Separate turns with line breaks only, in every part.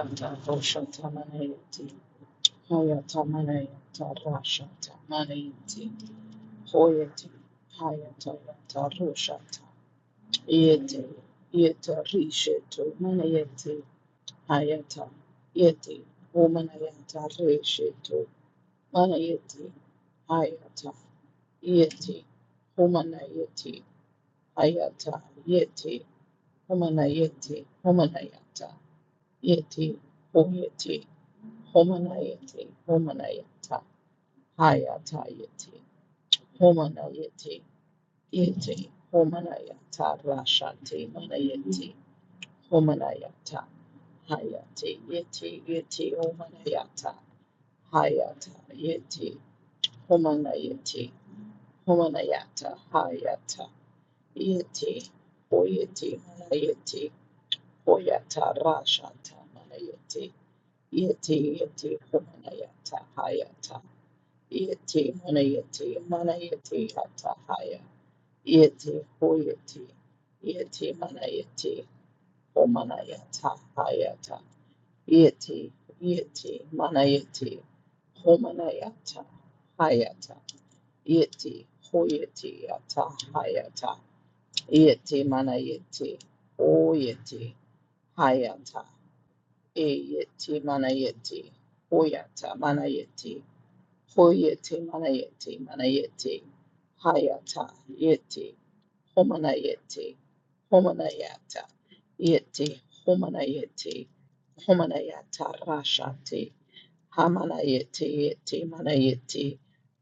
Yata Rosha Tamanayati, Hoya Tamanayata Rasha Tamanayati, Hoyati, Hayata, yeti, humana yeti, Womanayata Rishe to Manayati, hayata, yeti, humana yeti, humanayata, Yeti, Hoyeti, Homanayeti, Homanayata, Hayata Yeti, Homanayeti, Yeti, Homanayata, Rashati, Manayeti, Homanayata, Hayati, Yeti, Yeti, Homanayata, Hayata, Yeti, Homanayeti, Homanayata, Hayata, Yeti, Hoyeti, Manayeti, Hoyata, Rashata, Manayeti, Yeti yeti mana yata hayata. Yeti mana yeti mana yeti yata haya. Yeti hoyeti. Yeti mana yeti homana yata hayata. Yeti yeti mana yeti homana yata hayata. Yeti hoyeti yata hayata. Yeti mana yeti hoyeti hayata. Eyeti manayeti. Hoyata manayeti. Hoyeti manayeti manayeti. Hayata yeti. Homanayeti. Homanayata. Yeti. Homanayeti. Homanayata rashati. Hamanayeti yeti manayeti.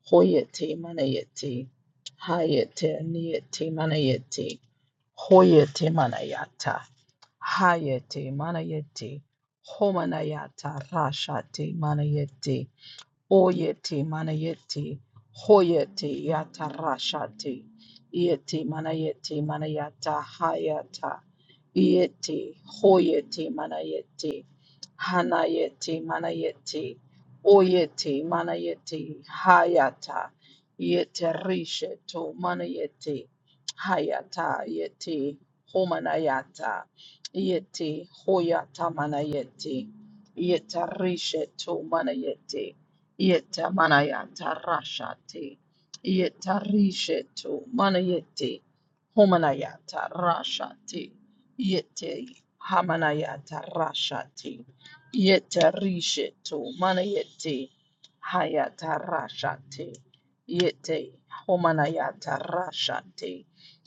Hoyeti manayeti. Hayete niyeti manayeti. Hoyete manayata. Hayete manayeti. Homanayata rashate manayeti. Oyeti manayeti, hoyeti yata rashati, yeti manayeti manayata hayata, yeti hoyeti manayeti, hanayeti manayeti, oyeti manayeti hayata, yete rishetu manayeti, hayata yeti homanayata, yeti hoyata manayeti, yeta rishetu manayeti. Yeta manayanta rashati. Yeta rishetu manayeti. Homanayata rashati. Yete hamanayata rashati. Yeta rishetu manayeti. Hayata rashati. Yete homanayata rashati.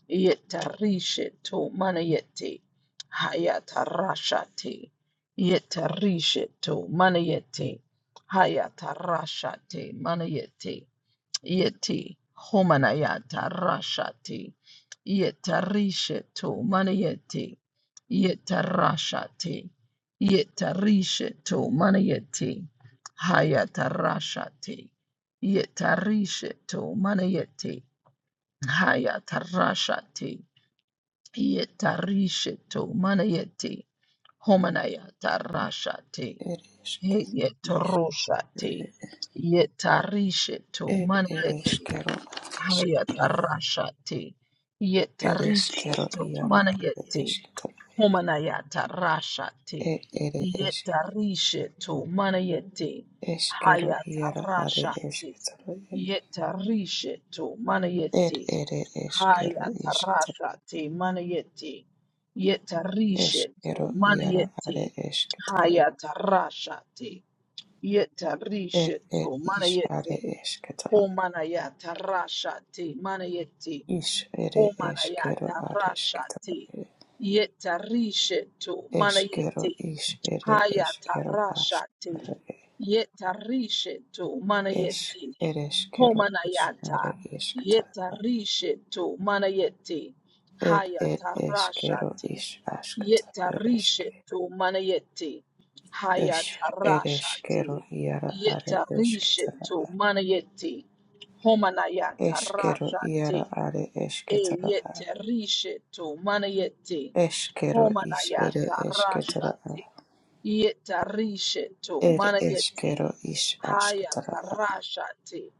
Yeta rishetu manayeti. Hayata rashati. Yeta rishetu manayeti. Hayata rashate manayete yete homanayata rashate yetarishe to manayete yetarashate yetarishe to manayete hayata rashate yetarishe to manayete hayata rashate yetarishe to manayete homanayata rashate
Ereshkigal,
Yetaroshate, yetarisheto,
Ed
manayete,
Ereshkigal,
hayatarashate,
Ereshkigal
yetarisheto,
Yara
manayete,
Ereshkigal,
homanayatarashate,
Ed Eresh,
yetarisheto, manayete,
Eshkigal Yara Are
hayatarashate,
Eshkigal,
yetarisheto,
Ed
manayete,
Ere Eshkigal Ishkigal,
hayatarashate, manayete, yetarisheto,
Eshkigal Yara Are
manayete,
Eshkigal,
hayatarashate,
Ed
Yetarisha
Ed
to
Ish Are
manayete,
Eshkigal,
homanayata rashate, manayete,
Ish Ere Eshkigal
homanayata
Are
rashate,
Eshkigal,
yetarisha to
Eshkigal
manayete,
Ish Ere
hayata
Eshkigal
rashate,
Ashkigal,
yetarisha to
Esh
manayete,
Ereshkigal Ish Are
Homanayata
Eshkigal.
Yetarishetu Manayeti
Ed ed eskero
Hayatarashati
is askata ereske.
Yetarishetu Manayeti
Es ed eskero
Hayatarashati
iara are esketara.
Yetarishetu Manayeti Homanayata
Eskero
Rashati
iara are
E
esketara.
yeta Yetarishetu Manayeti
Eskero is ere
Homanayata
esketara.
Rashati Yetarishetu
Ed
Manayeti
eskero is
haya
asketara.
tarashate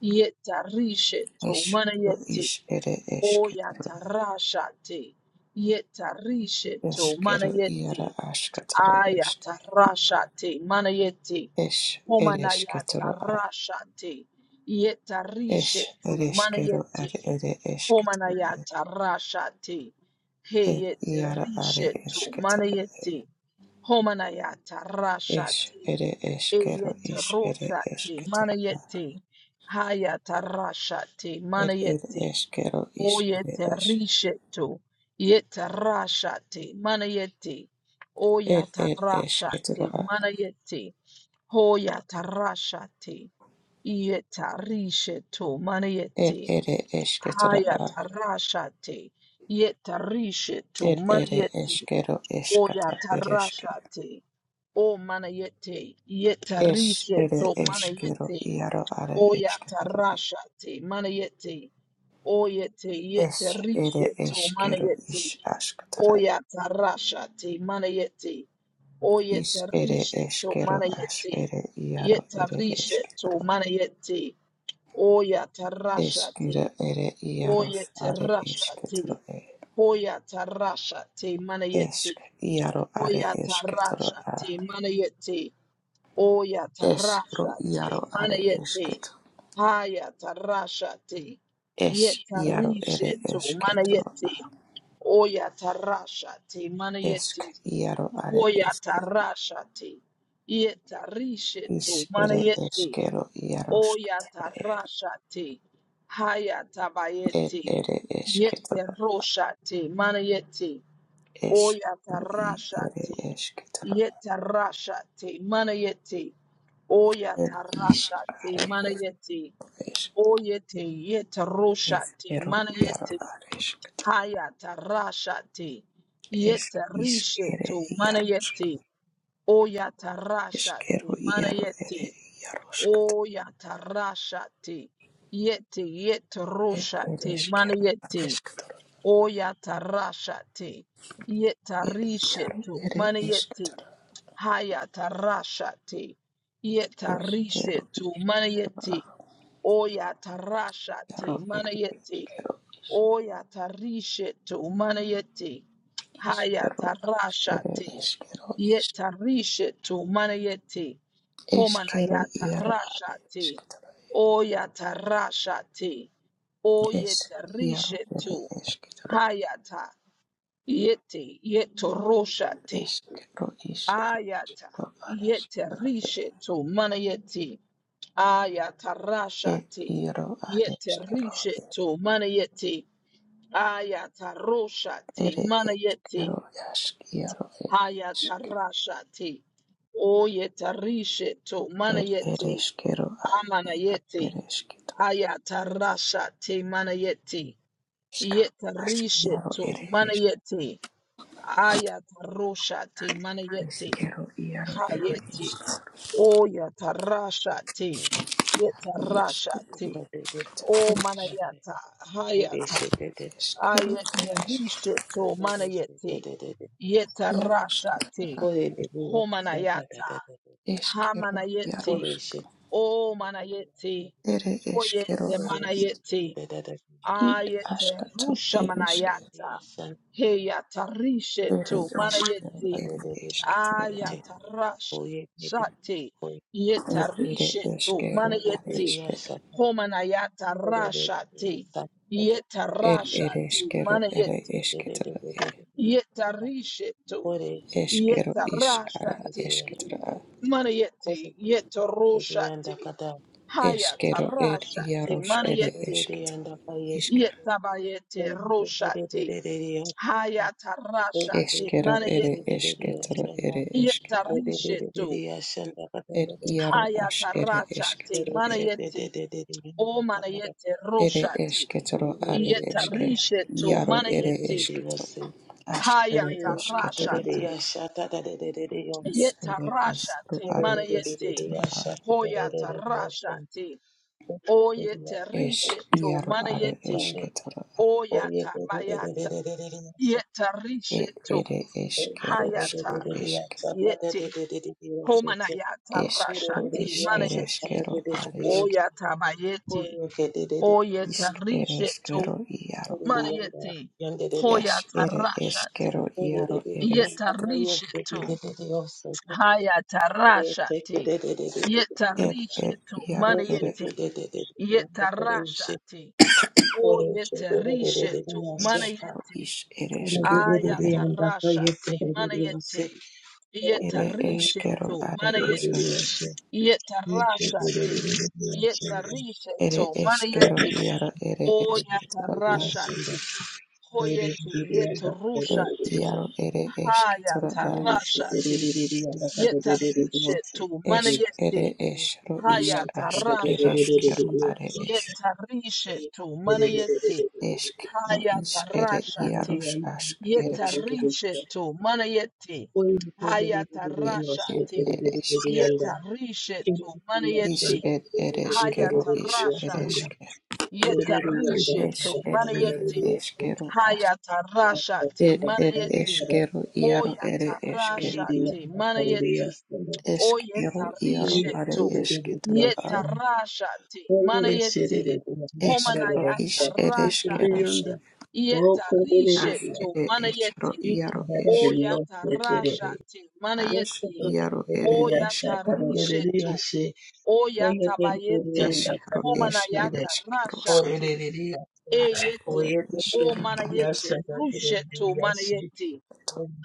yetarishe to mana
Eskero
yete
is ere
oya
esketara.
yeta yetarishe to mana
Eskero iara
yete
asketara
aya
esk.
tarashate mana yete
Es ere
homana ya
esketara.
tarashate yetarishe
Es
to
ere
mana yete
are ere
homana
esketara.
ya tarashate he
Ed iaro are
yetarishe to mana
esketoro e.
yete homana ya
Es
tarashate
ere eskero
Eyete
is ere
rosate
esketoro a.
manayete hayata rashate
Ed ed
manayete
eskero is ere
oyete
es.
risheto yete rashate manayete
Ed
oyata
ed
rashate
esketoro a.
manayete hoyata rashate yeta risheto manayete
Ed ere esketoro a.
hayata rashate yete risheto
Ed ere
manayete
eskero eskata
oyata
ereske.
rashate O manayete,
Es
yetarishe
ere
to
eskero
manayete,
iaro are
o
esketoro e.
yatarashate, manayete, o yete,
Es
yetarishe
ere
to
eskero
manayete,
is
o
askatara.
yatarashate, manayete, o
Is ere
yetarishe to
eskero as
manayete,
ere iaro ere
yetarishe to
esketoro
manayete, o
Eskero
yatarashate,
ere
o
iaros are esketoro
yetarashate,
e.
o yatarashate, manayete,
Esk iaro
o
are esketoro a.
yatarashate, manayete, Oya
Eskro
tarasha
iaro
te mana
are
yete
esket.
haya tarasha te
Es iaro ere
yetarishe to mana
esketoro a.
yete oya tarasha te mana yete
Esk iaro are
oya
eske.
tarasha te yetarishe to
Is
mana
ere
yete
eskero iarosk.
oya tarasha te haya
Er
tabayete
ere esketoro.
yeterosha te mana yete oya
Eskro i
tarasha te
ere esketoro.
yetarasha te mana yete
Er is
Oyatarashati
are
manayeti.
esk.
Oyete yetaroshati
Eskero iaro
manayeti.
are esket.
Hayatarashati.
Es is ere
Yetarishetu
iarosk.
manayeti.
Eskero
Oyatarashati
iaro ere
manayeti.
iaroskata
Oyatarashati. Yeti
ed
yetaroshati
eskero
manayeti.
eskatoro
Oyatarashati.
ed iaro
Yetarishetu
ere
manayeti.
eskatoro
Hayatarashati.
eskero
Yetarishetu. Manayeti.
iaro
Oyatarashati.
ere
Manayeti.
eskero
Oyatarishetu. Manayeti.
iskero ere
Hayatarashati.
eskero
Yetarishetu. Manayeti.
eskero iaro
Homanayatarashati.
eskatoro
Oyatarashati.
es iaro ere
Oyetarishetu.
eskatoro
Hayata. Yeti. Yetoroshati.
eskero is
Ayata yete rishe to manayeti. Ayata rashati
ero are
yete rishe
eskatoro
to manayeti. Ayata
ed
roshati
iaro
manayeti.
are eskero ere eskero ask iaro
Ayata rashati. O yete rishe to
ere
manayeti.
eskero
Amanayeti.
Ere eskitoro
Ayata rashati manayeti. Yete
iskaro
Yete rishe
askiaro
to
ere
manayeti. Ayata roshate mana manayeti.
eskero iaro ere
Hayeti.
eskitoro
O yatarasha te
Korean
yatarashati,
iaskitoro
te O manayata, hayata,
eskero ere eskitoro
ayatirishito manayeti,
iaroskitoro
yatarashati, homanayata,
eskero
hamanayeti,
iarosko
O manayeti,
ere eskero
oyete
ade
manayeti,
id
ayete
askato
rusha
ere eski
manayata,
ere
heyatarishito
eskero
manayeti,
ere eskitoro
Ayatarash Shate
ere
Yetarishetu
eskero ade
Manayeti
eske
Homanayatarashate
ere ere
Yetarashate
eskero ere
Manayet
eskitoro
Yetarishetu
Kore
eskero is ara
Yetarashate
eskitoro
Manayeti
yanda
Yetaroshate
kada
Eskero ed
Hayatarashate
yaros ere
Manayeti
esketo.
yanda kaye
Iske.
Yetabayete Roshate Hayatarashate
Eskero ere
Manayeti
esketoro
yashanda
ere eske.
Yetarishetu
yashanda
Ed
kada yanda kada yanda
yaro ash
Hayata
ere
rashate
esketoro e.
manayete o manayete
Ere
roshate
esketoro are
yeta
eske.
risheto
Yaro ere
manayete
esketo.
yose
Ash ere
hayata
esketoro a.
rashate
Is
yeta
ere esketoro
rashate
are
manayete
esketoro a.
yashata
hoyata
yose yashata
rashate o yeta
Esh
risheto
yaro are
manayete
esketoro a.
o yata bayata yeta
Ed
risheto
ere eskeros
hayata
eske.
yete homanayata
Eskero
rashate
is ere
manayete
eskero are
o
eske.
yata bayete o yeta
Ishk ere
risheto
Yanda
iaro
Mana
a.
yeti hoya
Esh ere
tarashati
eskero iaro ere
yetarishetu haya tarashati
Ed ed
yetarishetu
iaro
mana
ere
yeti yetarashati o yetarishetu mana
eshro
yeti
ish ere
Thank
aya
are.
tarashati mana yeti
Ere eskero
yetarishetu
are
mana
eske.
yeti yetarashati yetarishetu
Ere
mana
eskero
yeti
iaro ere
o
esketoro a.
yatarashati Hoyete yet
Ed
rushati
iaro ere
haya
esketoro a.
tarashati yetarishe tu
Esk
manayeti
ere eshro ish
haya
ask ere
tarashati
are esh.
yetarishe tu manayeti
Esk ro
haya
ish ere
tarashati
iaros ask ere
yetarishe tu manayeti haya
Ed ed
tarashati
ere
you.
yetarishe tu
Yes,
Ish
manayeti
ed
haya
ereshkero ish
tarashati
ereshke.
yetarishe tu
Ish ed ire
manayeti
eshkero ash.
Hayata Rashati
Ed ed
Manayeti
eshkero iaro
Oyata
ere eshke.
Rashati Manayeti Oyeta
Eshkero iaro are
Rishetu
eshketro
Yeta
a.
Rashati Manayeti
Eshkaro
Homanayata
ish
Rashati
ereshkeros.
Yeta
Ash
Rishetu
ere eshro
Manayeti
iaro esh.
Oyata Rashati
Ash
Manayeti
iaro ere
Oyata
eshkero.
Rishetu Oyata Bayeti
Eshkaro ish
Homanayata
ereshkeros.
Rashati
Yes,
Ash ere
Eyeti, O
eshkero aneto.
Manayete, Rusheto Manayeti,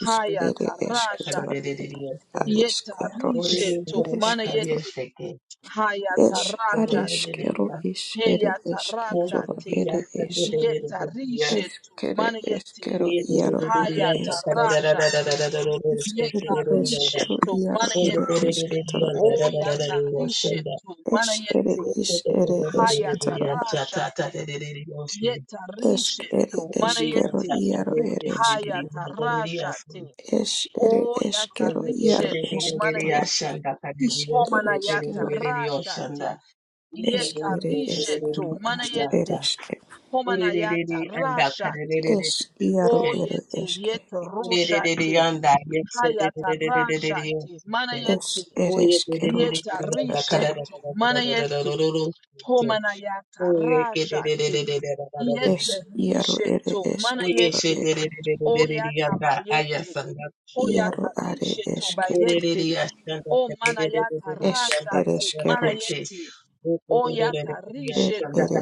Ish ere
Hayata
eshketro
Rashate, Yeta
Ereshkero ish
Risheto
ereshketro.
Manayeti, Hayata
Es
Rashate,
areskero is ere
Heyata
esketoro
Rashate,
ere es
Yeta Risheto
eskere
Manayeti,
eskero iaro are
Hayata
es
Rashate,
eskere
Yeta
eskero
Risheto
iaro ere
Manayeti,
esketoro ere
O Yata Risheto
es ere
Manayeti,
is ere
Hayata
esketoro a
Rashate, Yeta
esk ere
Risheto
Oh, yes,
eskero
Manayeti,
iaro ere
it did
eske
it.
hayatarashate
es ere eskero iaro
oyatarishetu
esketoro ere
manayeti
is ere eskero a
homanayatarashate
es ere
yetarishetu
eskero as ere
manayeti
eske
homanayatarashate
es iaro ere
yete,
eske eske
yetarushate hayatarashate manayeti
Es ere eskero
yetarishetu manayeti homanayatarashate
Es iaro ere
yetarishetu
esketoro
manayeti
e.
Ah, yes,
Oyatabayete.
and
Iaro are
Hoyatalishe
esketoro.
tobayete. O manayata
Es ere
rashate.
eskeros.
Manayete. Oyata
Et
to,
ere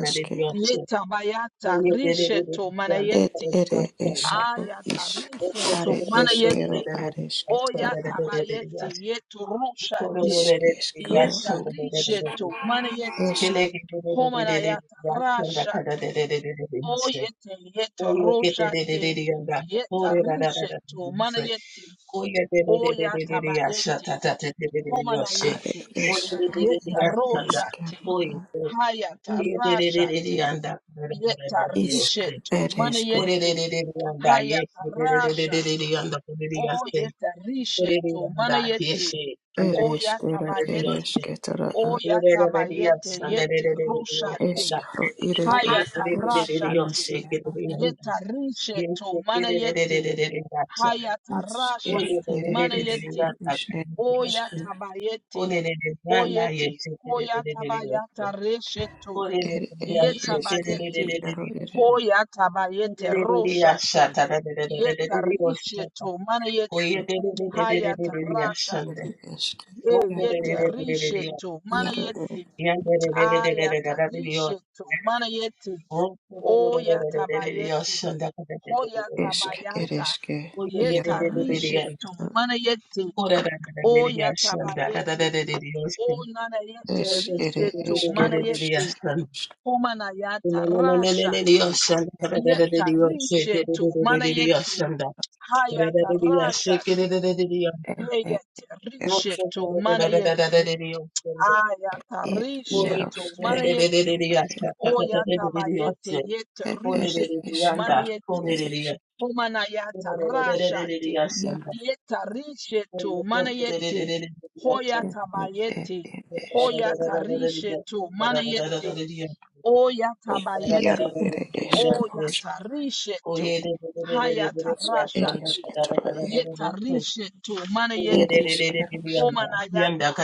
Yetabayata risheto manayete.
ere eskero
Ayata
is.
risheto
Are
manayete.
eskero are esketoro da.
Oyatabayete.
Oye,
Yeto rushate.
Is eskero
to,
are es.
risheto manayete.
Es
Homanayata Rashate. Oyete yete yete roshate. Yeta rishetu manayete.
Oh yeah, de de de de de de
Oyata
de ya sha
bayete.
ta ta ta de de de de yo she.
are
Homanayete.
Oh de de de
eskero
de de
Yeta
ya sha
ere
da.
roshate.
eskero
Oh yeah,
da.
oh
Hayata
yeah de de de de de
rashate.
yanda. De de de de
Yeta
de de yo
Isk
she.
rishetu
ere eske.
Oh de de
manayete.
de de de yanda ye.
Hayata
De de de de de de de
rashate.
yanda. Oh de de ya she.
Oyeta
Oh de de
rishetu
yanda ye
manayete.
she. Yanda
Ere
de de
Oyata
de de de de yo
bayete.
she. Oh de
Oyata
de de de ya
bayete.
sha da de
Yete
de de de de yo sha
roshate.
da.
Eskaro ere
Oh
Haya
yeah
es
de de de de de yo
tarashati
she. De de yanda
yetarishe
ye
to
she. De
mana
de de de de
yete
de de ya sha.
haya
es
Oh yeah de
tarashati
de
ere
de
mana
de de
yete
eskero es es ere eskero
de
is
oya
yanda.
tabayete
Olererezana
oyete hoya
yesheterererererese.
tabayata resheto
ere eske ere ere eske
yetabayete
iaro ere
Orerereyasetererererererese.
hoya tabayete roshate yetarishe
Orerereyasatarerererererese.
to mana yete haya
Oyetererererererese.
tarashati
ere eske
e
iaro
yete
ere
rishe
Okorerererererese.
to mana
iaro ere
yete aya
Yanderererererererese.
tarishe to mana yete Oya tabayete.
Okorererererererese.
Hoya
esk
Ndakarerererererese.
ere
tabayata.
eske iaro
Yeta
ere
Oyetererererererese.
rishetu.
eskero
Manayete. Oya
Orererererererese.
tabayete.
Ndakarerererererese.
O mana
es
yete
ere
rishe tu
eskero
nanayete rishetu. Manayete.
Oyetererererererese.
iaro eske
Homanayata rashate.
Yes,
ere
Yeta rishetu. Manayete. Hayata rashate.
ere eskero
Heyete rishetu. Manayete. Ayata
er iaro
rishetu.
ere
Manayete.
eskero ere
Oya tabayete. Yeta
ere
rishe tu mana
eskero
yete.
ere eske
Homanayata rashate. Yeta rishetu manayete. Hoyata
Ere
bayete.
esk,
Hoyata rishetu manayete. Oyata
iaro
bayete.
ere esk,
Oyata rishetu.
Oye,
Hayata
esk ere
rashate.
esketoro e,
Yeta rishetu
ere
manayete.
eskero
Homanayata.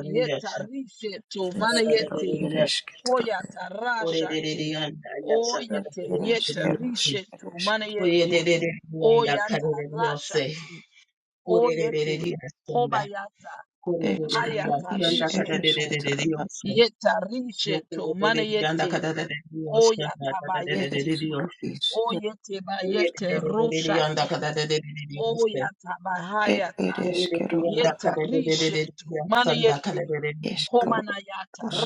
Yeta rishetu
eskero
manayete.
ere esketoro e,
Hoyata rashate. Oyete
ere
yete
eskero
rishetu
ere esketoro
manayete. Oyata Rashati, Oyete, Hobayata,
eskaro
Hayata
is ere
Rishetu,
esketoro a,
Yeta Rishetu, Manayeti, Oyata
ere
Bayeti,
eskaro is ere
Oyete Bayete
esketoro
Roshati, Oyata
e,
Bahayata,
ere
Oh, yeah,
eskero a,
Yeta Rishetu, Manayeti,
eskaro
Homanayata
os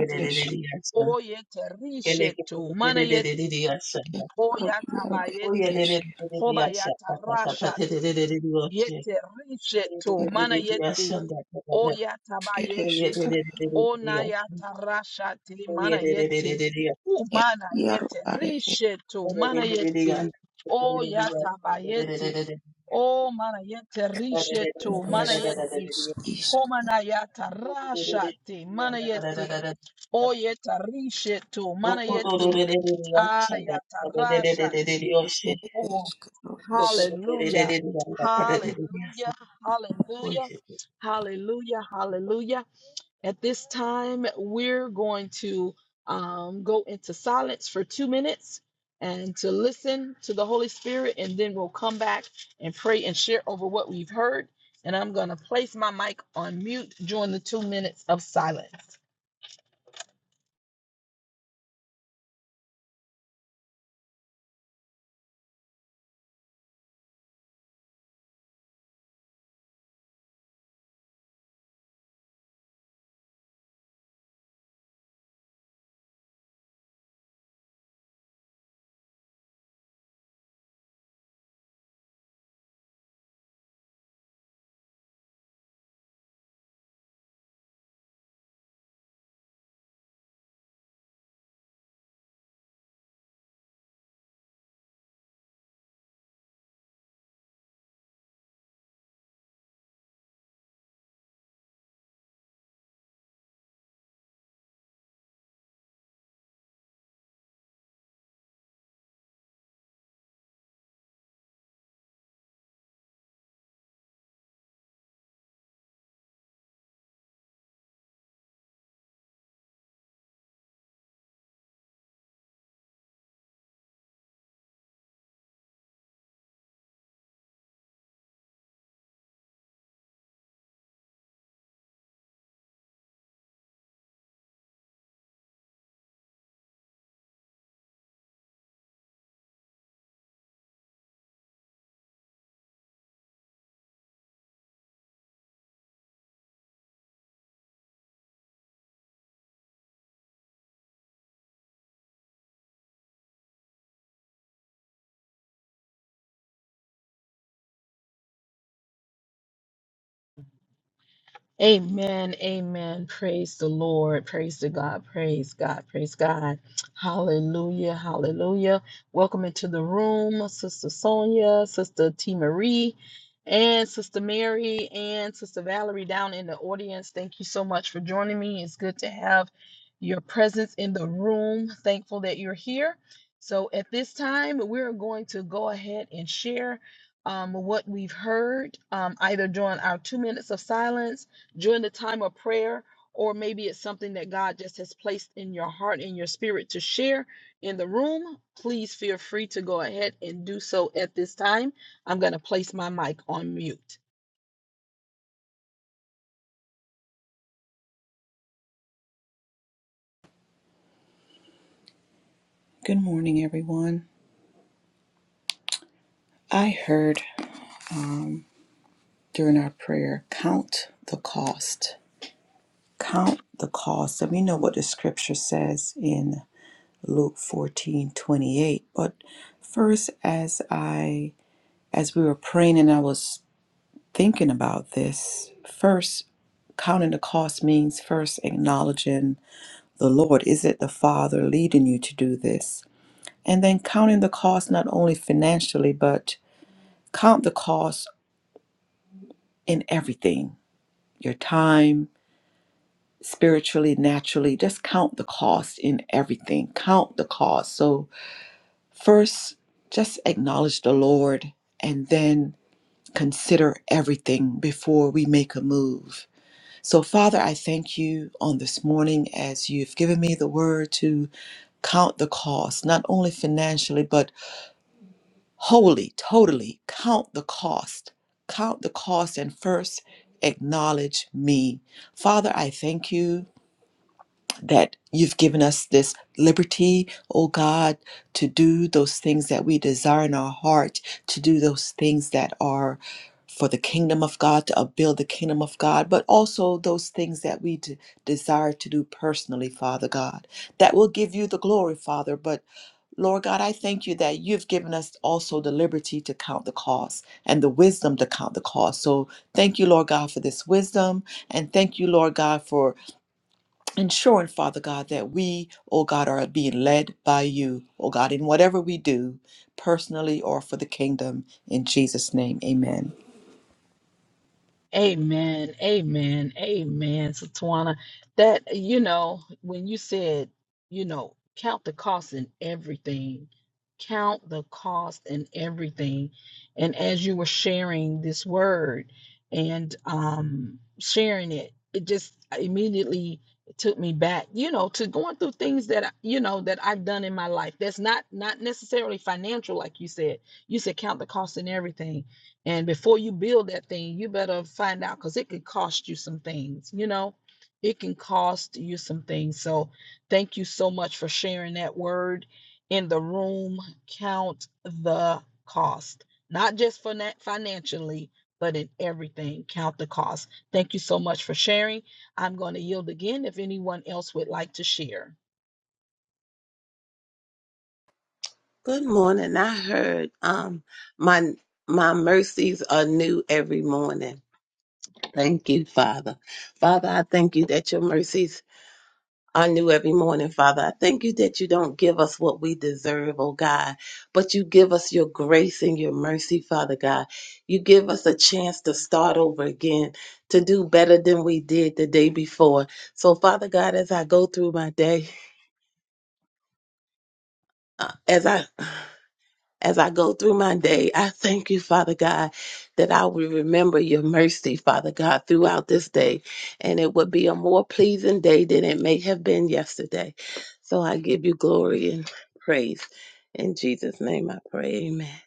ere esketoro
Oyete Rishetu, Manayeti, Oyata
iaro ere
Bayeti,
esk,
Hobayata Rashati. Yete rishetu
ere
mana yete oya
ere
tabayete
esketoro
onayata rashati mana yete
e,
umana
iaro
yete
are e,
rishetu mana yete oya tabayete o mana yete rishetu
ere
mana yete
eskero
homanayata rashati mana yete oyeta rishetu
Good
mana yete
morning.
ayata rashati Oh, hallelujah. Hallelujah. Hallelujah. Hallelujah. Hallelujah. At this time, we're going to um, go into silence for two minutes and to listen to the Holy Spirit, and then we'll come back and pray and share over what we've heard. And I'm going to place my mic on mute during the two minutes of silence. Amen. Amen. Praise the Lord. Praise the God. Praise God. Praise God. Hallelujah. Hallelujah. Welcome into the room, Sister Sonia, Sister T. Marie, and Sister Mary, and Sister Valerie down in the audience. Thank you so much for joining me. It's good to have your presence in the room. Thankful that you're here. So at this time, we're going to go ahead and share um, what we've heard, um, either during our two minutes of silence during the time of prayer, or maybe it's something that God just has placed in your heart and your spirit to share in the room, please feel free to go ahead and do so at this time. I'm going to place my mic on mute.
Good morning, everyone. I heard um, during our prayer, count the cost. Count the cost. And we know what the scripture says in Luke 14 28. But first, as I as we were praying and I was thinking about this, first counting the cost means first acknowledging the Lord. Is it the Father leading you to do this? And then counting the cost not only financially, but Count the cost in everything your time, spiritually, naturally. Just count the cost in everything. Count the cost. So, first, just acknowledge the Lord and then consider everything before we make a move. So, Father, I thank you on this morning as you've given me the word to count the cost, not only financially, but wholly, totally count the cost. Count the cost and first acknowledge me. Father, I thank you that you've given us this liberty, oh God, to do those things that we desire in our heart, to do those things that are for the kingdom of God, to build the kingdom of God, but also those things that we d- desire to do personally, Father God, that will give you the glory, Father. But Lord God, I thank you that you've given us also the liberty to count the cost and the wisdom to count the cost. So thank you, Lord God, for this wisdom. And thank you, Lord God, for ensuring, Father God, that we, oh God, are being led by you, oh God, in whatever we do, personally or for the kingdom. In Jesus' name, amen.
Amen. Amen. Amen. So Tawana, that you know, when you said, you know, count the cost in everything, count the cost in everything. And as you were sharing this word and um sharing it, it just immediately took me back, you know, to going through things that I- you know that I've done in my life. That's not not necessarily financial, like you said. You said count the cost in everything and before you build that thing, you better find out because it could cost you some things, you know, it can cost you some things. So thank you so much for sharing that word in the room. Count the cost, not just for that financially, but in everything. Count the cost. Thank you so much for sharing. I'm going to yield again if anyone else would like to share.
I heard um my my mercies are new every morning. Thank you, Father. Father, I thank you that your mercies are new every morning, Father. I thank you that you don't give us what we deserve, oh God, but you give us your grace and your mercy, Father God. You give us a chance to start over again, to do better than we did the day before. So, Father God, as I go through my day, uh, as I as I go through my day, I thank you, Father God, that I will remember your mercy, Father God, throughout this day. And it would be a more pleasing day than it may have been yesterday. So I give you glory and praise. In Jesus' name I pray. Amen.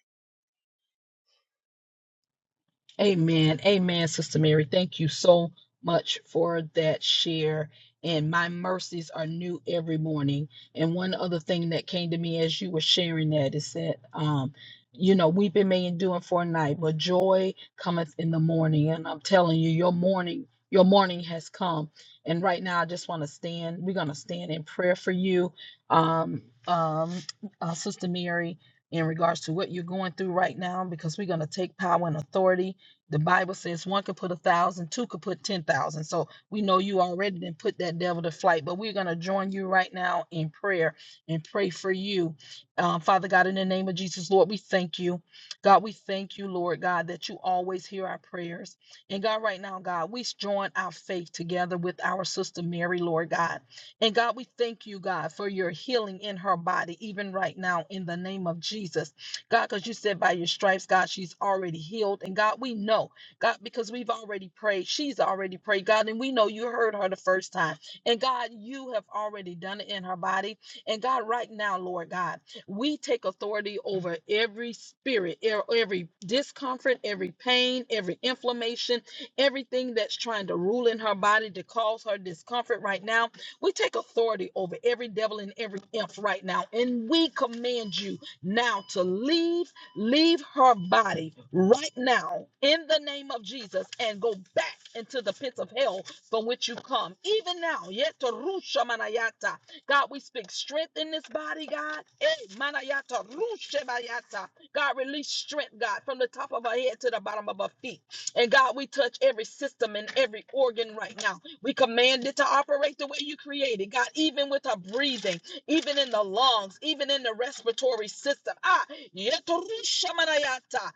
Amen. Amen, Sister Mary. Thank you so much for that share. And my mercies are new every morning. And one other thing that came to me as you were sharing that is that, um, you know, weeping may endure for a night, but joy cometh in the morning. And I'm telling you, your morning, your morning has come. And right now, I just want to stand. We're going to stand in prayer for you, um, um, uh, Sister Mary, in regards to what you're going through right now, because we're going to take power and authority the Bible says one could put a thousand, two could put ten thousand. So we know you already did put that devil to flight, but we're going to join you right now in prayer and pray for you. Um, Father God, in the name of Jesus, Lord, we thank you. God, we thank you, Lord God, that you always hear our prayers. And God, right now, God, we join our faith together with our sister Mary, Lord God. And God, we thank you, God, for your healing in her body, even right now, in the name of Jesus. God, because you said by your stripes, God, she's already healed. And God, we know, God, because we've already prayed, she's already prayed, God, and we know you heard her the first time. And God, you have already done it in her body. And God, right now, Lord God, we take authority over every spirit, e- every discomfort, every pain, every inflammation, everything that's trying to rule in her body to cause her discomfort right now. We take authority over every devil and every imp right now. And we command you now to leave, leave her body right now in the name of Jesus and go back into the pits of hell from which you come. Even now, yet to rusha manayata. God, we speak strength in this body, God. Eh, manayata, rusha manayata. God, release strength, God, from the top of our head to the bottom of our feet. And God, we touch every system and every organ right now. We command it to operate the way you created, God, even with our breathing even in the lungs, even in the respiratory system. Ah, yeturushamanayata,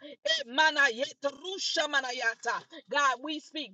emana yeturushamanayata. God, we speak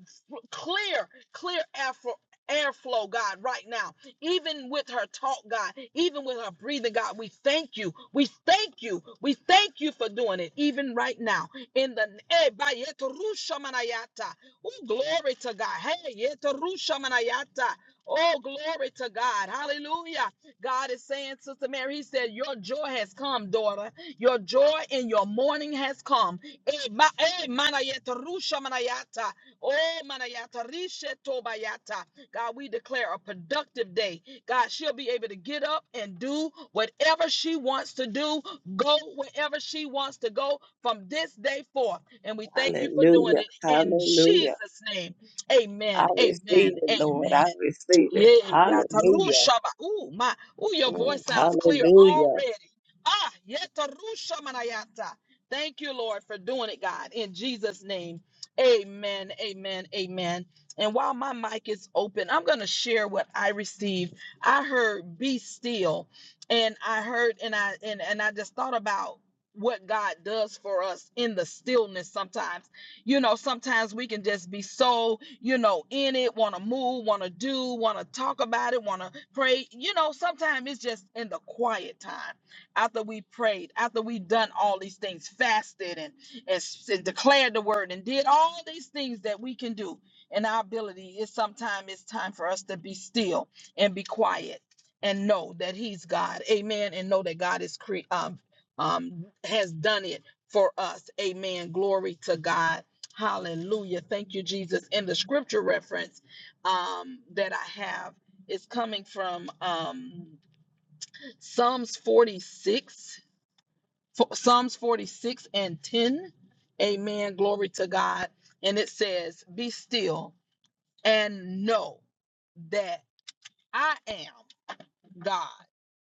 clear, clear air for airflow, God, right now. Even with her talk, God, even with her breathing, God, we thank you. We thank you. We thank you for doing it, even right now. In the eh, ba- yeturushamanayata. Ooh, glory to God. Hey, yeturushamanayata. Oh, glory to God. Hallelujah. God is saying, Sister Mary, He said, Your joy has come, daughter. Your joy and your mourning has come. Eh, ma- eh, manayata, rusha manayata. Oh, manayata, rishe tobayata. God, we declare a productive day. God, she'll be able to get up and do whatever she wants to do, go wherever she wants to go from this day forth. And we thank you for doing
Hallelujah.
it in
Hallelujah.
Jesus' name.
I
Amen. Amen.
receive it, Lord.
Amen.
I receive
Yeah,
it. Hallelujah.
yatarushaba. Ooh, my, ooh, your voice
Mm,
sounds clear
Hallelujah.
already. Ah, yatarushamanayata. Thank you, Lord, for doing it, God. In Jesus' name, amen, amen, amen. And while my mic is open, I'm going to share what I received. I heard be still, and I heard, and I, and, and I just thought about what God does for us in the stillness sometimes. You know, sometimes we can just be so, you know, in it, want to move, want to do, want to talk about it, want to pray. You know, sometimes it's just in the quiet time after we prayed, after we done all these things, fasted and, and, s- and declared the word and did all these things that we can do. And our ability is sometimes it's time for us to be still and be quiet and know that He's God. Amen. And know that God is cre- um, um, has done it for us. Amen. Glory to God. Hallelujah. Thank you, Jesus. And the scripture reference um, that I have is coming from um, Psalms 46, fo- Psalms 46 and 10. Amen. Glory to God. And it says, Be still and know that I am God.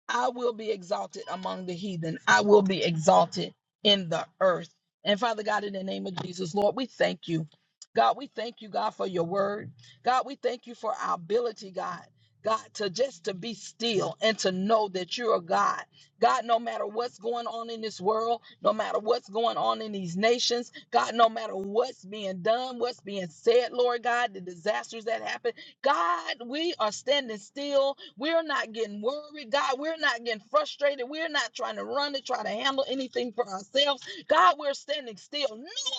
I will be exalted among the heathen. I will be exalted in the earth. And Father God, in the name of Jesus, Lord, we thank you. God, we thank you, God, for your word. God, we thank you for our ability, God. God, to just to be still and to know that you're a God. God, no matter what's going on in this world, no matter what's going on in these nations, God, no matter what's being done, what's being said, Lord God, the disasters that happen, God, we are standing still. We're not getting worried. God, we're not getting frustrated. We're not trying to run and try to handle anything for ourselves. God, we're standing still,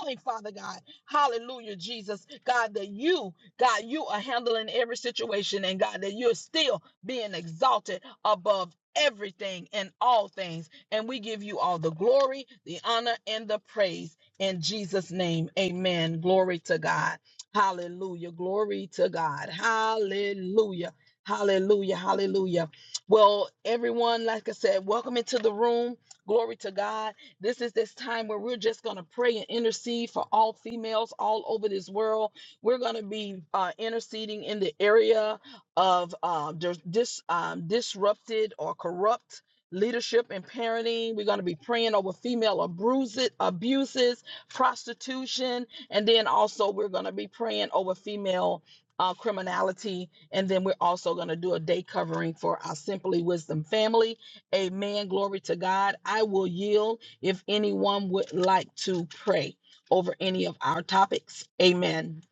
knowing, Father God, hallelujah, Jesus, God, that you, God, you are handling every situation and God, that you're still being exalted above everything and all things. And we give you all the glory, the honor, and the praise in Jesus' name. Amen. Glory to God. Hallelujah. Glory to God. Hallelujah. Hallelujah. Hallelujah. Well, everyone, like I said, welcome into the room. Glory to God. This is this time where we're just going to pray and intercede for all females all over this world. We're going to be uh, interceding in the area of uh, dis- dis- um, disrupted or corrupt leadership and parenting. We're going to be praying over female abuse- abuses, prostitution, and then also, we're going to be praying over female uh, criminality. And then we're also going to do a day covering for our Simply Wisdom family. Amen. Glory to God. I will yield if anyone would like to pray over any of our topics. Amen.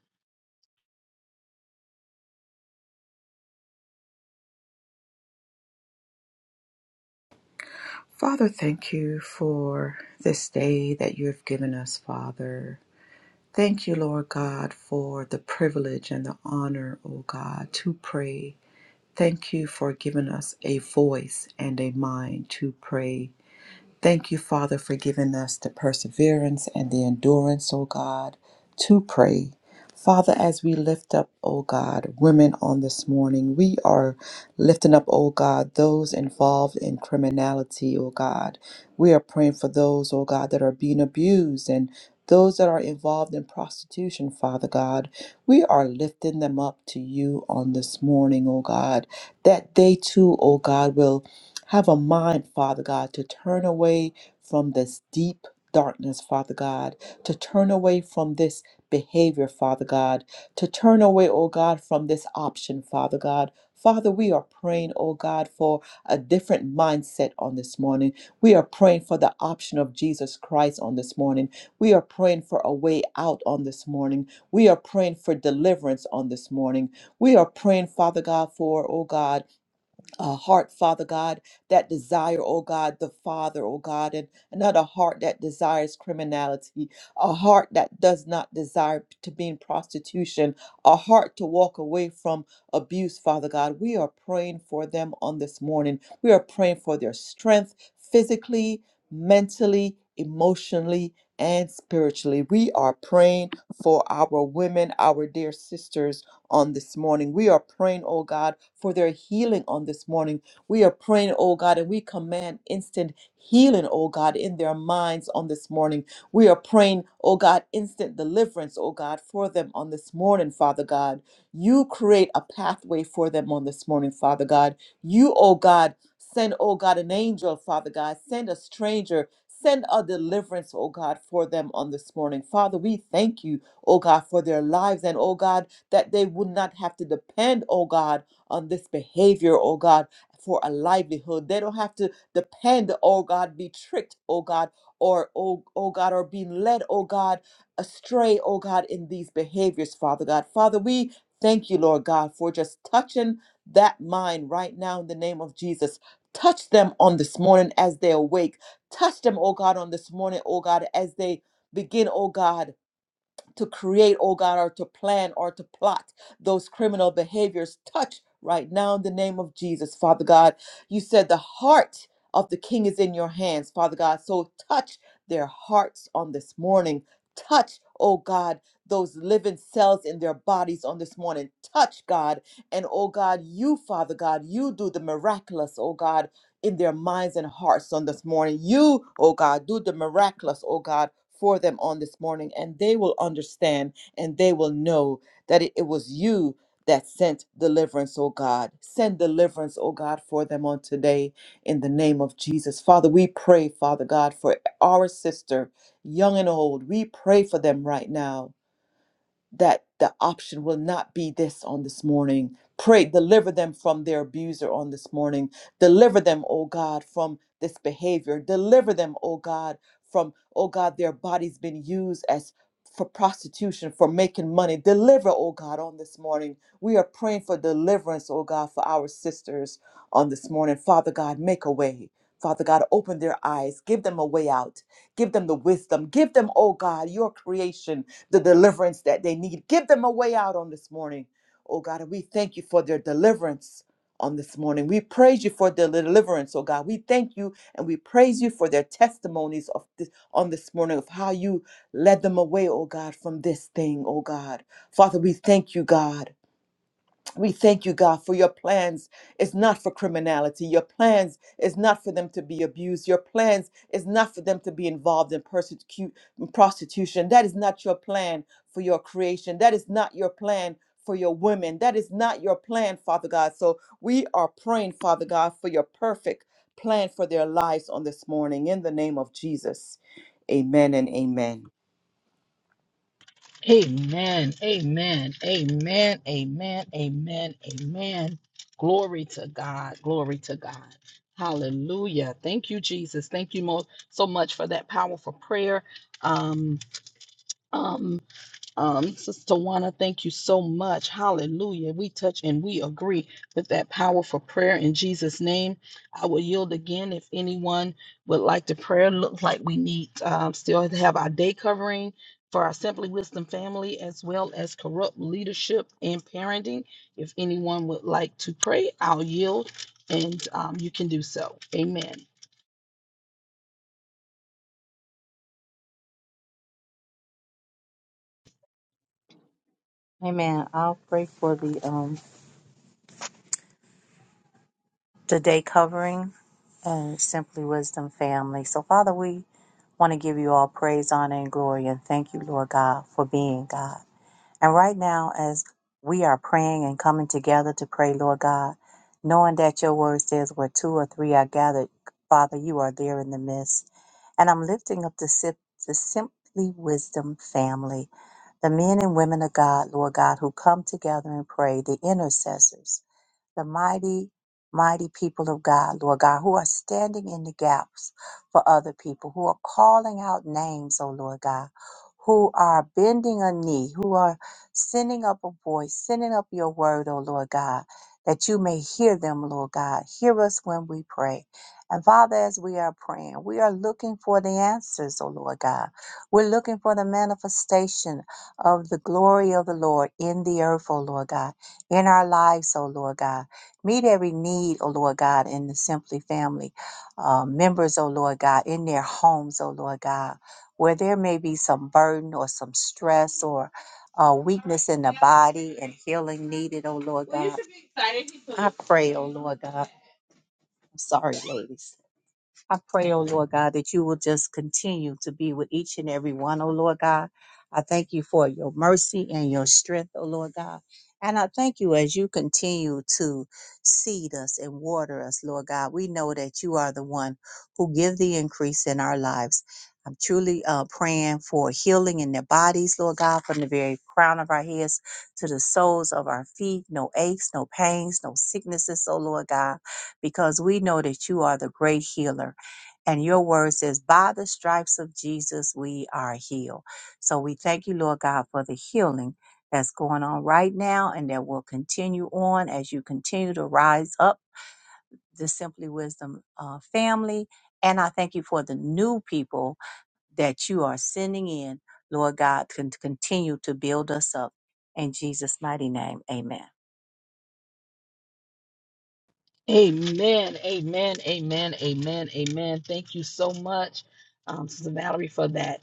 Father, thank you for this day that you have given us, Father. Thank you, Lord God, for the privilege and the honor, oh God, to pray. Thank you for giving us a voice and a mind to pray Thank you, Father, for giving us the perseverance and the endurance, O God, to pray. Father, as we lift up, O God, women on this morning, we are lifting up, O God, those involved in criminality, O God. We are praying for those, O God, that are being abused and those that are involved in prostitution, Father God. We are lifting them up to you on this morning, O God, that they too, O God, will have a mind, Father God, to turn away from this deep darkness, Father God, to turn away from this behavior, Father God, to turn away, oh God, from this option, Father God. Father, we are praying, oh God, for a different mindset on this morning. We are praying for the option of Jesus Christ on this morning. We are praying for a way out on this morning. We are praying for deliverance on this morning. We are praying, Father God, for, oh God, a heart, Father God, that desire, oh God, the Father, oh God, and another heart that desires criminality, a heart that does not desire to be in prostitution, a heart to walk away from abuse, Father God. We are praying for them on this morning. We are praying for their strength physically, mentally, emotionally. And spiritually, we are praying for our women, our dear sisters on this morning. We are praying, oh God, for their healing on this morning. We are praying, oh God, and we command instant healing, oh God, in their minds on this morning. We are praying, oh God, instant deliverance, oh God, for them on this morning, Father God. You create a pathway for them on this morning, Father God. You, oh God, send, oh God, an angel, Father God. Send a stranger. Send a deliverance, oh God, for them on this morning. Father, we thank you, oh God, for their lives. And oh God, that they would not have to depend, oh God, on this behavior, oh God, for a livelihood. They don't have to depend, oh God, be tricked, oh God, or oh, oh God, or being led, oh God, astray, oh God, in these behaviors, Father God. Father, we thank you, Lord God, for just touching that mind right now in the name of Jesus. Touch them on this morning as they awake. Touch them, oh God, on this morning, oh God, as they begin, oh God to create, oh God, or to plan or to plot those criminal behaviors. Touch right now in the name of Jesus, Father God. You said the heart of the king is in your hands, Father God. So touch their hearts on this morning. Touch, oh God, those living cells in their bodies on this morning. Touch, God. And oh God, you, Father God, you do the miraculous, oh God in their minds and hearts on this morning. You, oh God, do the miraculous, oh God, for them on this morning, and they will understand and they will know that it, it was you that sent deliverance, oh God. Send deliverance, oh God, for them on today in the name of Jesus. Father, we pray, Father God, for our sister, young and old. We pray for them right now that the option will not be this on this morning. Pray, deliver them from their abuser on this morning. Deliver them, oh God, from this behavior. Deliver them, oh God, from, oh God, their bodies been used as for prostitution, for making money. Deliver, oh God, on this morning. We are praying for deliverance, oh God, for our sisters on this morning. Father God, make a way. Father God, open their eyes, give them a way out. Give them the wisdom. Give them, oh God, your creation, the deliverance that they need. Give them a way out on this morning, oh God. And we thank you for their deliverance on this morning. We praise you for their deliverance, oh God. We thank you and we praise you for their testimonies of this on this morning of how you led them away, oh God, from this thing, oh God. Father, we thank you, God. We thank you, God, for your plans is not for criminality. Your plans is not for them to be abused. Your plans is not for them to be involved in persecute prostitution. That is not your plan for your creation. That is not your plan for your women. That is not your plan, Father God. So we are praying, Father God, for your perfect plan for their lives on this morning. In the name of Jesus. Amen and amen.
Amen. Amen. Amen. Amen. Amen. Amen. Glory to God. Glory to God. Hallelujah. Thank you, Jesus. Thank you mo- so much for that powerful prayer. Um, Um, um, Sister Tawana, thank you so much. Hallelujah. We touch and we agree with that powerful prayer in Jesus' name. I will yield again if anyone would like to pray. Look like we need um, still to have our day covering for our Simply Wisdom family as well as corrupt leadership and parenting. If anyone would like to pray, I'll yield and um, you can do so. Amen.
Amen. I'll pray for the um the day covering and Simply Wisdom family. So Father, we want to give you all praise, honor, and glory, and thank you, Lord God, for being God. And right now, as we are praying and coming together to pray, Lord God, knowing that your word says where two or three are gathered, Father, you are there in the midst. And I'm lifting up the, sip, the Simply Wisdom family the men and women of God, Lord God, who come together and pray, the intercessors. the mighty, mighty people of God, Lord God, who are standing in the gaps for other people, who are calling out names, oh Lord God, who are bending a knee, who are sending up a voice, sending up your word, oh Lord God, that you may hear them, Lord God. Hear us when we pray. And Father, as we are praying, we are looking for the answers, oh Lord God. We're looking for the manifestation of the glory of the Lord in the earth, oh Lord God in our lives, oh Lord God. Meet every need, O Lord God, in the Simply family uh, members, O Lord God, in their homes, O Lord God, where there may be some burden or some stress or uh, weakness in the body and healing needed, O Lord God. I pray, O Lord God. I'm sorry, ladies. I pray, oh Lord God, that you will just continue to be with each and every one, oh Lord God. I thank you for your mercy and your strength, oh Lord God. And I thank you as you continue to seed us and water us, Lord God. We know that you are the one who give the increase in our lives. I'm truly uh, praying for healing in their bodies, Lord God, from the very crown of our heads to the soles of our feet. No aches, no pains, no sicknesses, oh Lord God, because we know that you are the great healer. And your word says, by the stripes of Jesus, we are healed. So we thank you, Lord God, for the healing that's going on right now and that will continue on as you continue to rise up the Simply Wisdom uh, family. And I thank you for the new people that you are sending in, Lord God, can continue to build us up. In Jesus' mighty name, amen.
Amen, amen, amen, amen, amen. Thank you so much, um, Sister Valerie, for that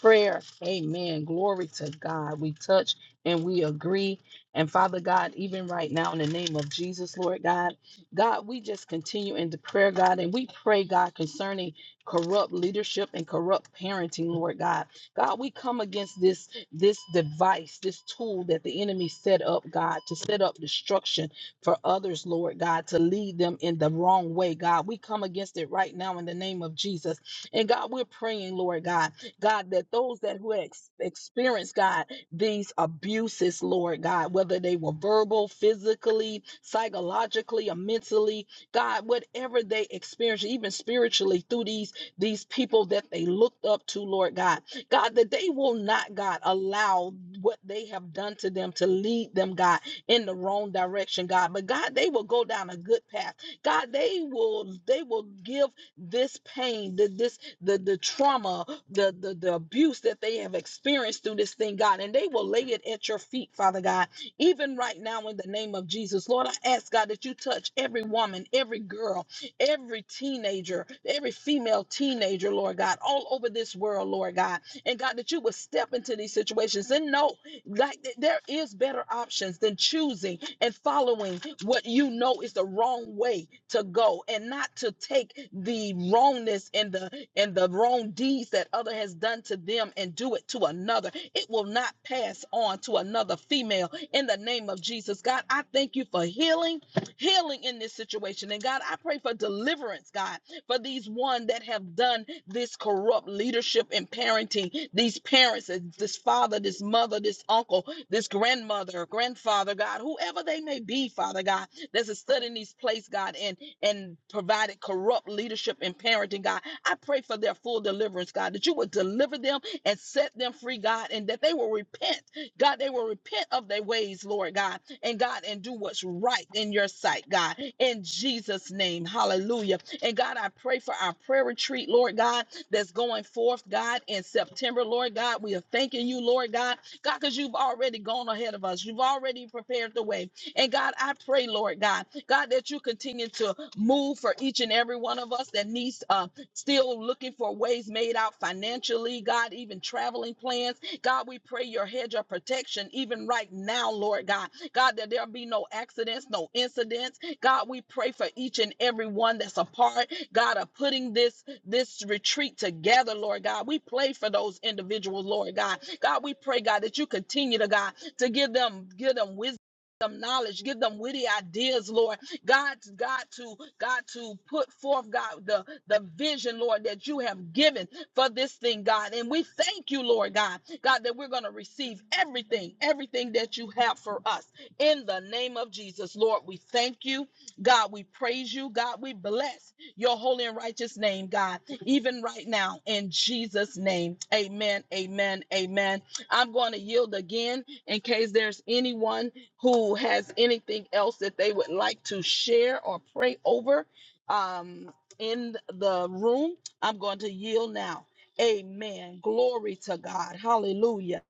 prayer. Amen. Glory to God. We touch and we agree. And Father God, even right now, in the name of Jesus, Lord God, God, we just continue into prayer, God, and we pray, God, concerning corrupt leadership and corrupt parenting, Lord God. God, we come against this this device, this tool that the enemy set up, God, to set up destruction for others, Lord God, to lead them in the wrong way, God. We come against it right now in the name of Jesus. And God, we're praying, Lord God, God, that those that who ex- experience, God, these abuses, Lord God, whether they were verbal, physically, psychologically, or mentally, God, whatever they experience, even spiritually through these these people that they looked up to, Lord God, God, that they will not, God, allow what they have done to them to lead them, God, in the wrong direction, God. But God, they will go down a good path. God, they will they will give this pain, the, this the the trauma, the, the the abuse that they have experienced through this thing, God, and they will lay it at your feet, Father God. Even right now, in the name of Jesus, Lord, I ask God that you touch every woman, every girl, every teenager, every female teenager, Lord God, all over this world, Lord God, and God that you would step into these situations and know like th- there is better options than choosing and following what you know is the wrong way to go and not to take the wrongness and the and the wrong deeds that other has done to them and do it to another. It will not pass on to another female in the name of Jesus. God, I thank you for healing, healing in this situation. And God, I pray for deliverance, God for these one that have done this corrupt leadership and parenting, these parents, uh, this father, this mother, this uncle, this grandmother, grandfather, God, whoever they may be, Father God, that's a stood in these place, God, and and provided corrupt leadership and parenting, God. I pray for their full deliverance, God, that you would deliver them and set them free, God, and that they will repent God, they will repent of their ways, Lord God, and God, and do what's right in your sight, God, in Jesus' name. Hallelujah. And God, I pray for our prayer retreat, Lord God, that's going forth, God, in September, Lord God. We are thanking you, Lord God, God, because you've already gone ahead of us. You've already prepared the way. And God, I pray, Lord God, God, that you continue to move for each and every one of us that needs uh, still looking for ways made out financially, God, even traveling plans. God, we pray your hedge of protection even right now, Lord God. God, that there be no accidents, no incidents. God, we pray for each and every one that's a part, God, of putting this this retreat together, Lord God. We pray for those individuals, Lord God. God, we pray, God, that you continue to God to give them give them wisdom. them Knowledge, give them witty ideas, Lord, God, God to God to put forth God the, the vision, Lord, that you have given for this thing, God. And we thank you, Lord God, God, that we're gonna receive everything, everything that you have for us in the name of Jesus. Lord, we thank you. God, we praise you. God, we bless your holy and righteous name, God, even right now in Jesus' name. Amen. Amen. Amen. I'm going to yield again in case there's anyone who has anything else that they would like to share or pray over um, in the room, I'm going to yield now. Amen. Glory to God. Hallelujah.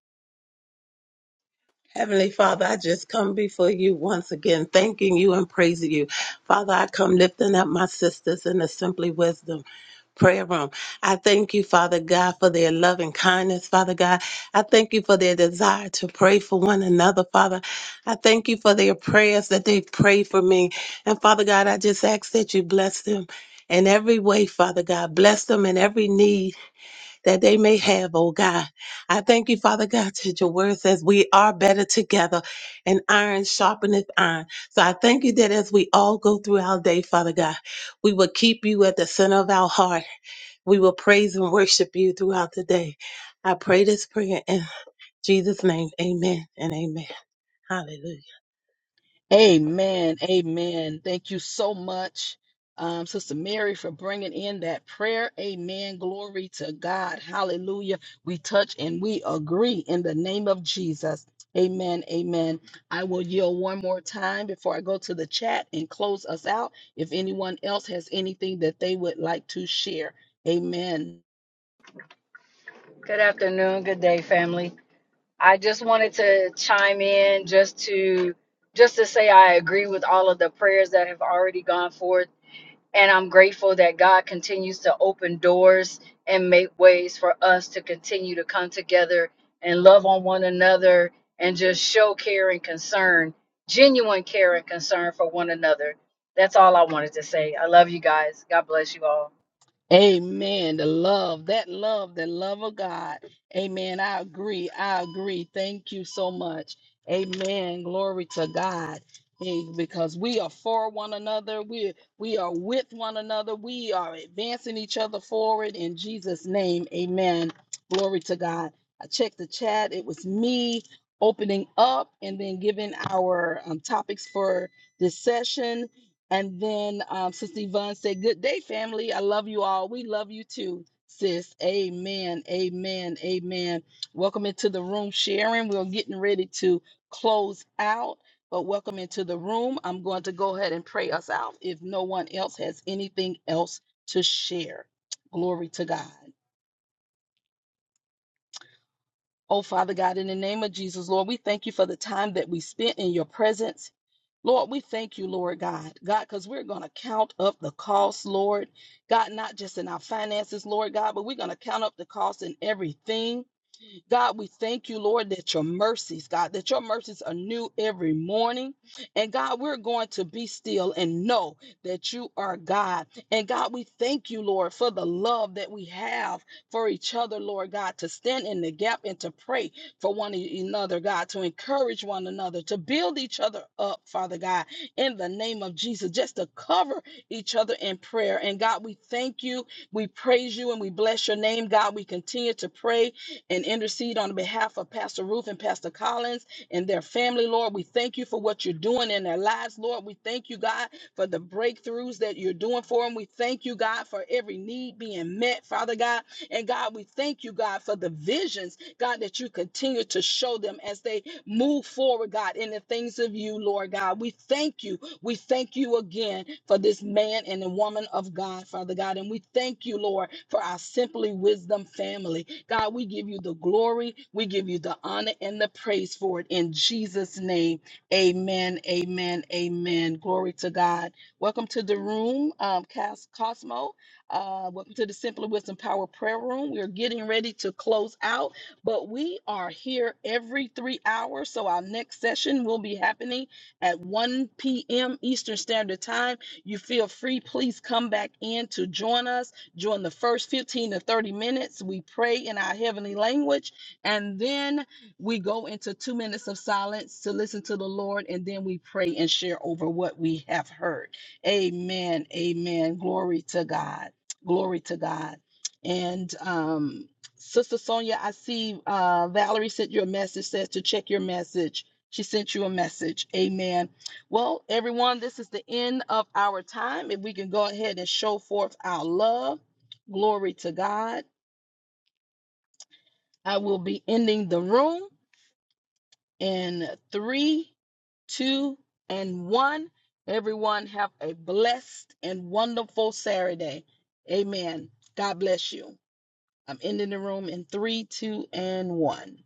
Heavenly Father, I just come before you once again, thanking you and praising you. Father, I come lifting up my sisters in the Simply Wisdom prayer room. I thank you, Father God, for their loving kindness, Father God. I thank you for their desire to pray for one another, Father. I thank you for their prayers that they pray for me. And Father God, I just ask that you bless them in every way, Father God. Bless them in every need that they may have, oh God. I thank you, Father God, that your word says we are better together and iron sharpeneth iron. So I thank you that as we all go through our day, Father God, we will keep you at the center of our heart. We will praise and worship you throughout the day. I pray this prayer in Jesus' name. Amen and amen. Hallelujah.
Amen. Amen. Thank you so much, um, Sister Mary, for bringing in that prayer. Amen. Glory to God. Hallelujah. We touch and we agree in the name of Jesus. Amen. Amen. I will yield one more time before I go to the chat and close us out. If anyone else has anything that they would like to share, amen.
Good afternoon, good day, family. I just wanted to chime in just to just to say I agree with all of the prayers that have already gone forth and I'm grateful that God continues to open doors and make ways for us to continue to come together and love on one another and just show care and concern, genuine care and concern for one another. That's all I wanted to say. I love you guys. God bless you all.
Amen. The love, that love, the love of God. Amen. I agree. I agree. Thank you so much. Amen. Glory to God. Hey, Because we are for one another. We we are with one another. We are advancing each other forward in Jesus' name. Amen. Glory to God. I checked the chat. It was me opening up and then giving our um, topics for this session. And then um, Sister Yvonne said, Good day, family. I love you all. We love you too, sis. Amen. Amen. Amen. Welcome into the room, Sharon. We're getting ready to close out, but welcome into the room. I'm going to go ahead and pray us out if no one else has anything else to share. Glory to God. Oh, Father God, in the name of Jesus, Lord, we thank you for the time that we spent in your presence. Lord, we thank you, Lord God, God, because we're going to count up the cost, Lord. God, not just in our finances, Lord God, but we're going to count up the cost in everything. God, we thank you, Lord, that your mercies, God, that your mercies are new every morning. And God, we're going to be still and know that you are God. And God, we thank you, Lord, for the love that we have for each other, Lord God, to stand in the gap and to pray for one e-, another, God, to encourage one another, to build each other up, Father God, in the name of Jesus, just to cover each other in prayer. And God, we thank you, we praise you, and we bless your name, God. We continue to pray and intercede on behalf of Pastor Ruth and Pastor Collins and their family, Lord. We thank you for what you're doing in their lives, Lord. We thank you, God, for the breakthroughs that you're doing for them. We thank you, God, for every need being met, Father God. And God, we thank you, God, for the visions, God, that you continue to show them as they move forward, God, in the things of you, Lord God. We thank you we thank you again for this man and the woman of God, Father God. And we thank you, Lord, for our Simply Wisdom family. God, we give you the glory, we give you the honor and the praise for it. In Jesus' name, amen, amen, amen. Glory to God. Welcome to the room, um, Cas- Cosmo. Uh, welcome to the Simply Wisdom Power Prayer Room. We are getting ready to close out, but we are here every three hours. So our next session will be happening at 1 p.m. Eastern Standard Time. You feel free, please come back in to join us during the first 15 to 30 minutes. We pray in our heavenly language, and then we go into two minutes of silence to listen to the Lord, and then we pray and share over what we have heard. Amen. Amen. Glory to God. Glory to God. And um, Sister Sonia, I see uh, Valerie sent you a message, says to check your message. She sent you a message. Amen. Well, everyone, this is the end of our time. If we can go ahead and show forth our love, glory to God. I will be ending the room in three, two, and one. Everyone, have a blessed and wonderful Saturday. Amen. God bless you. I'm ending the room in three, two, and one.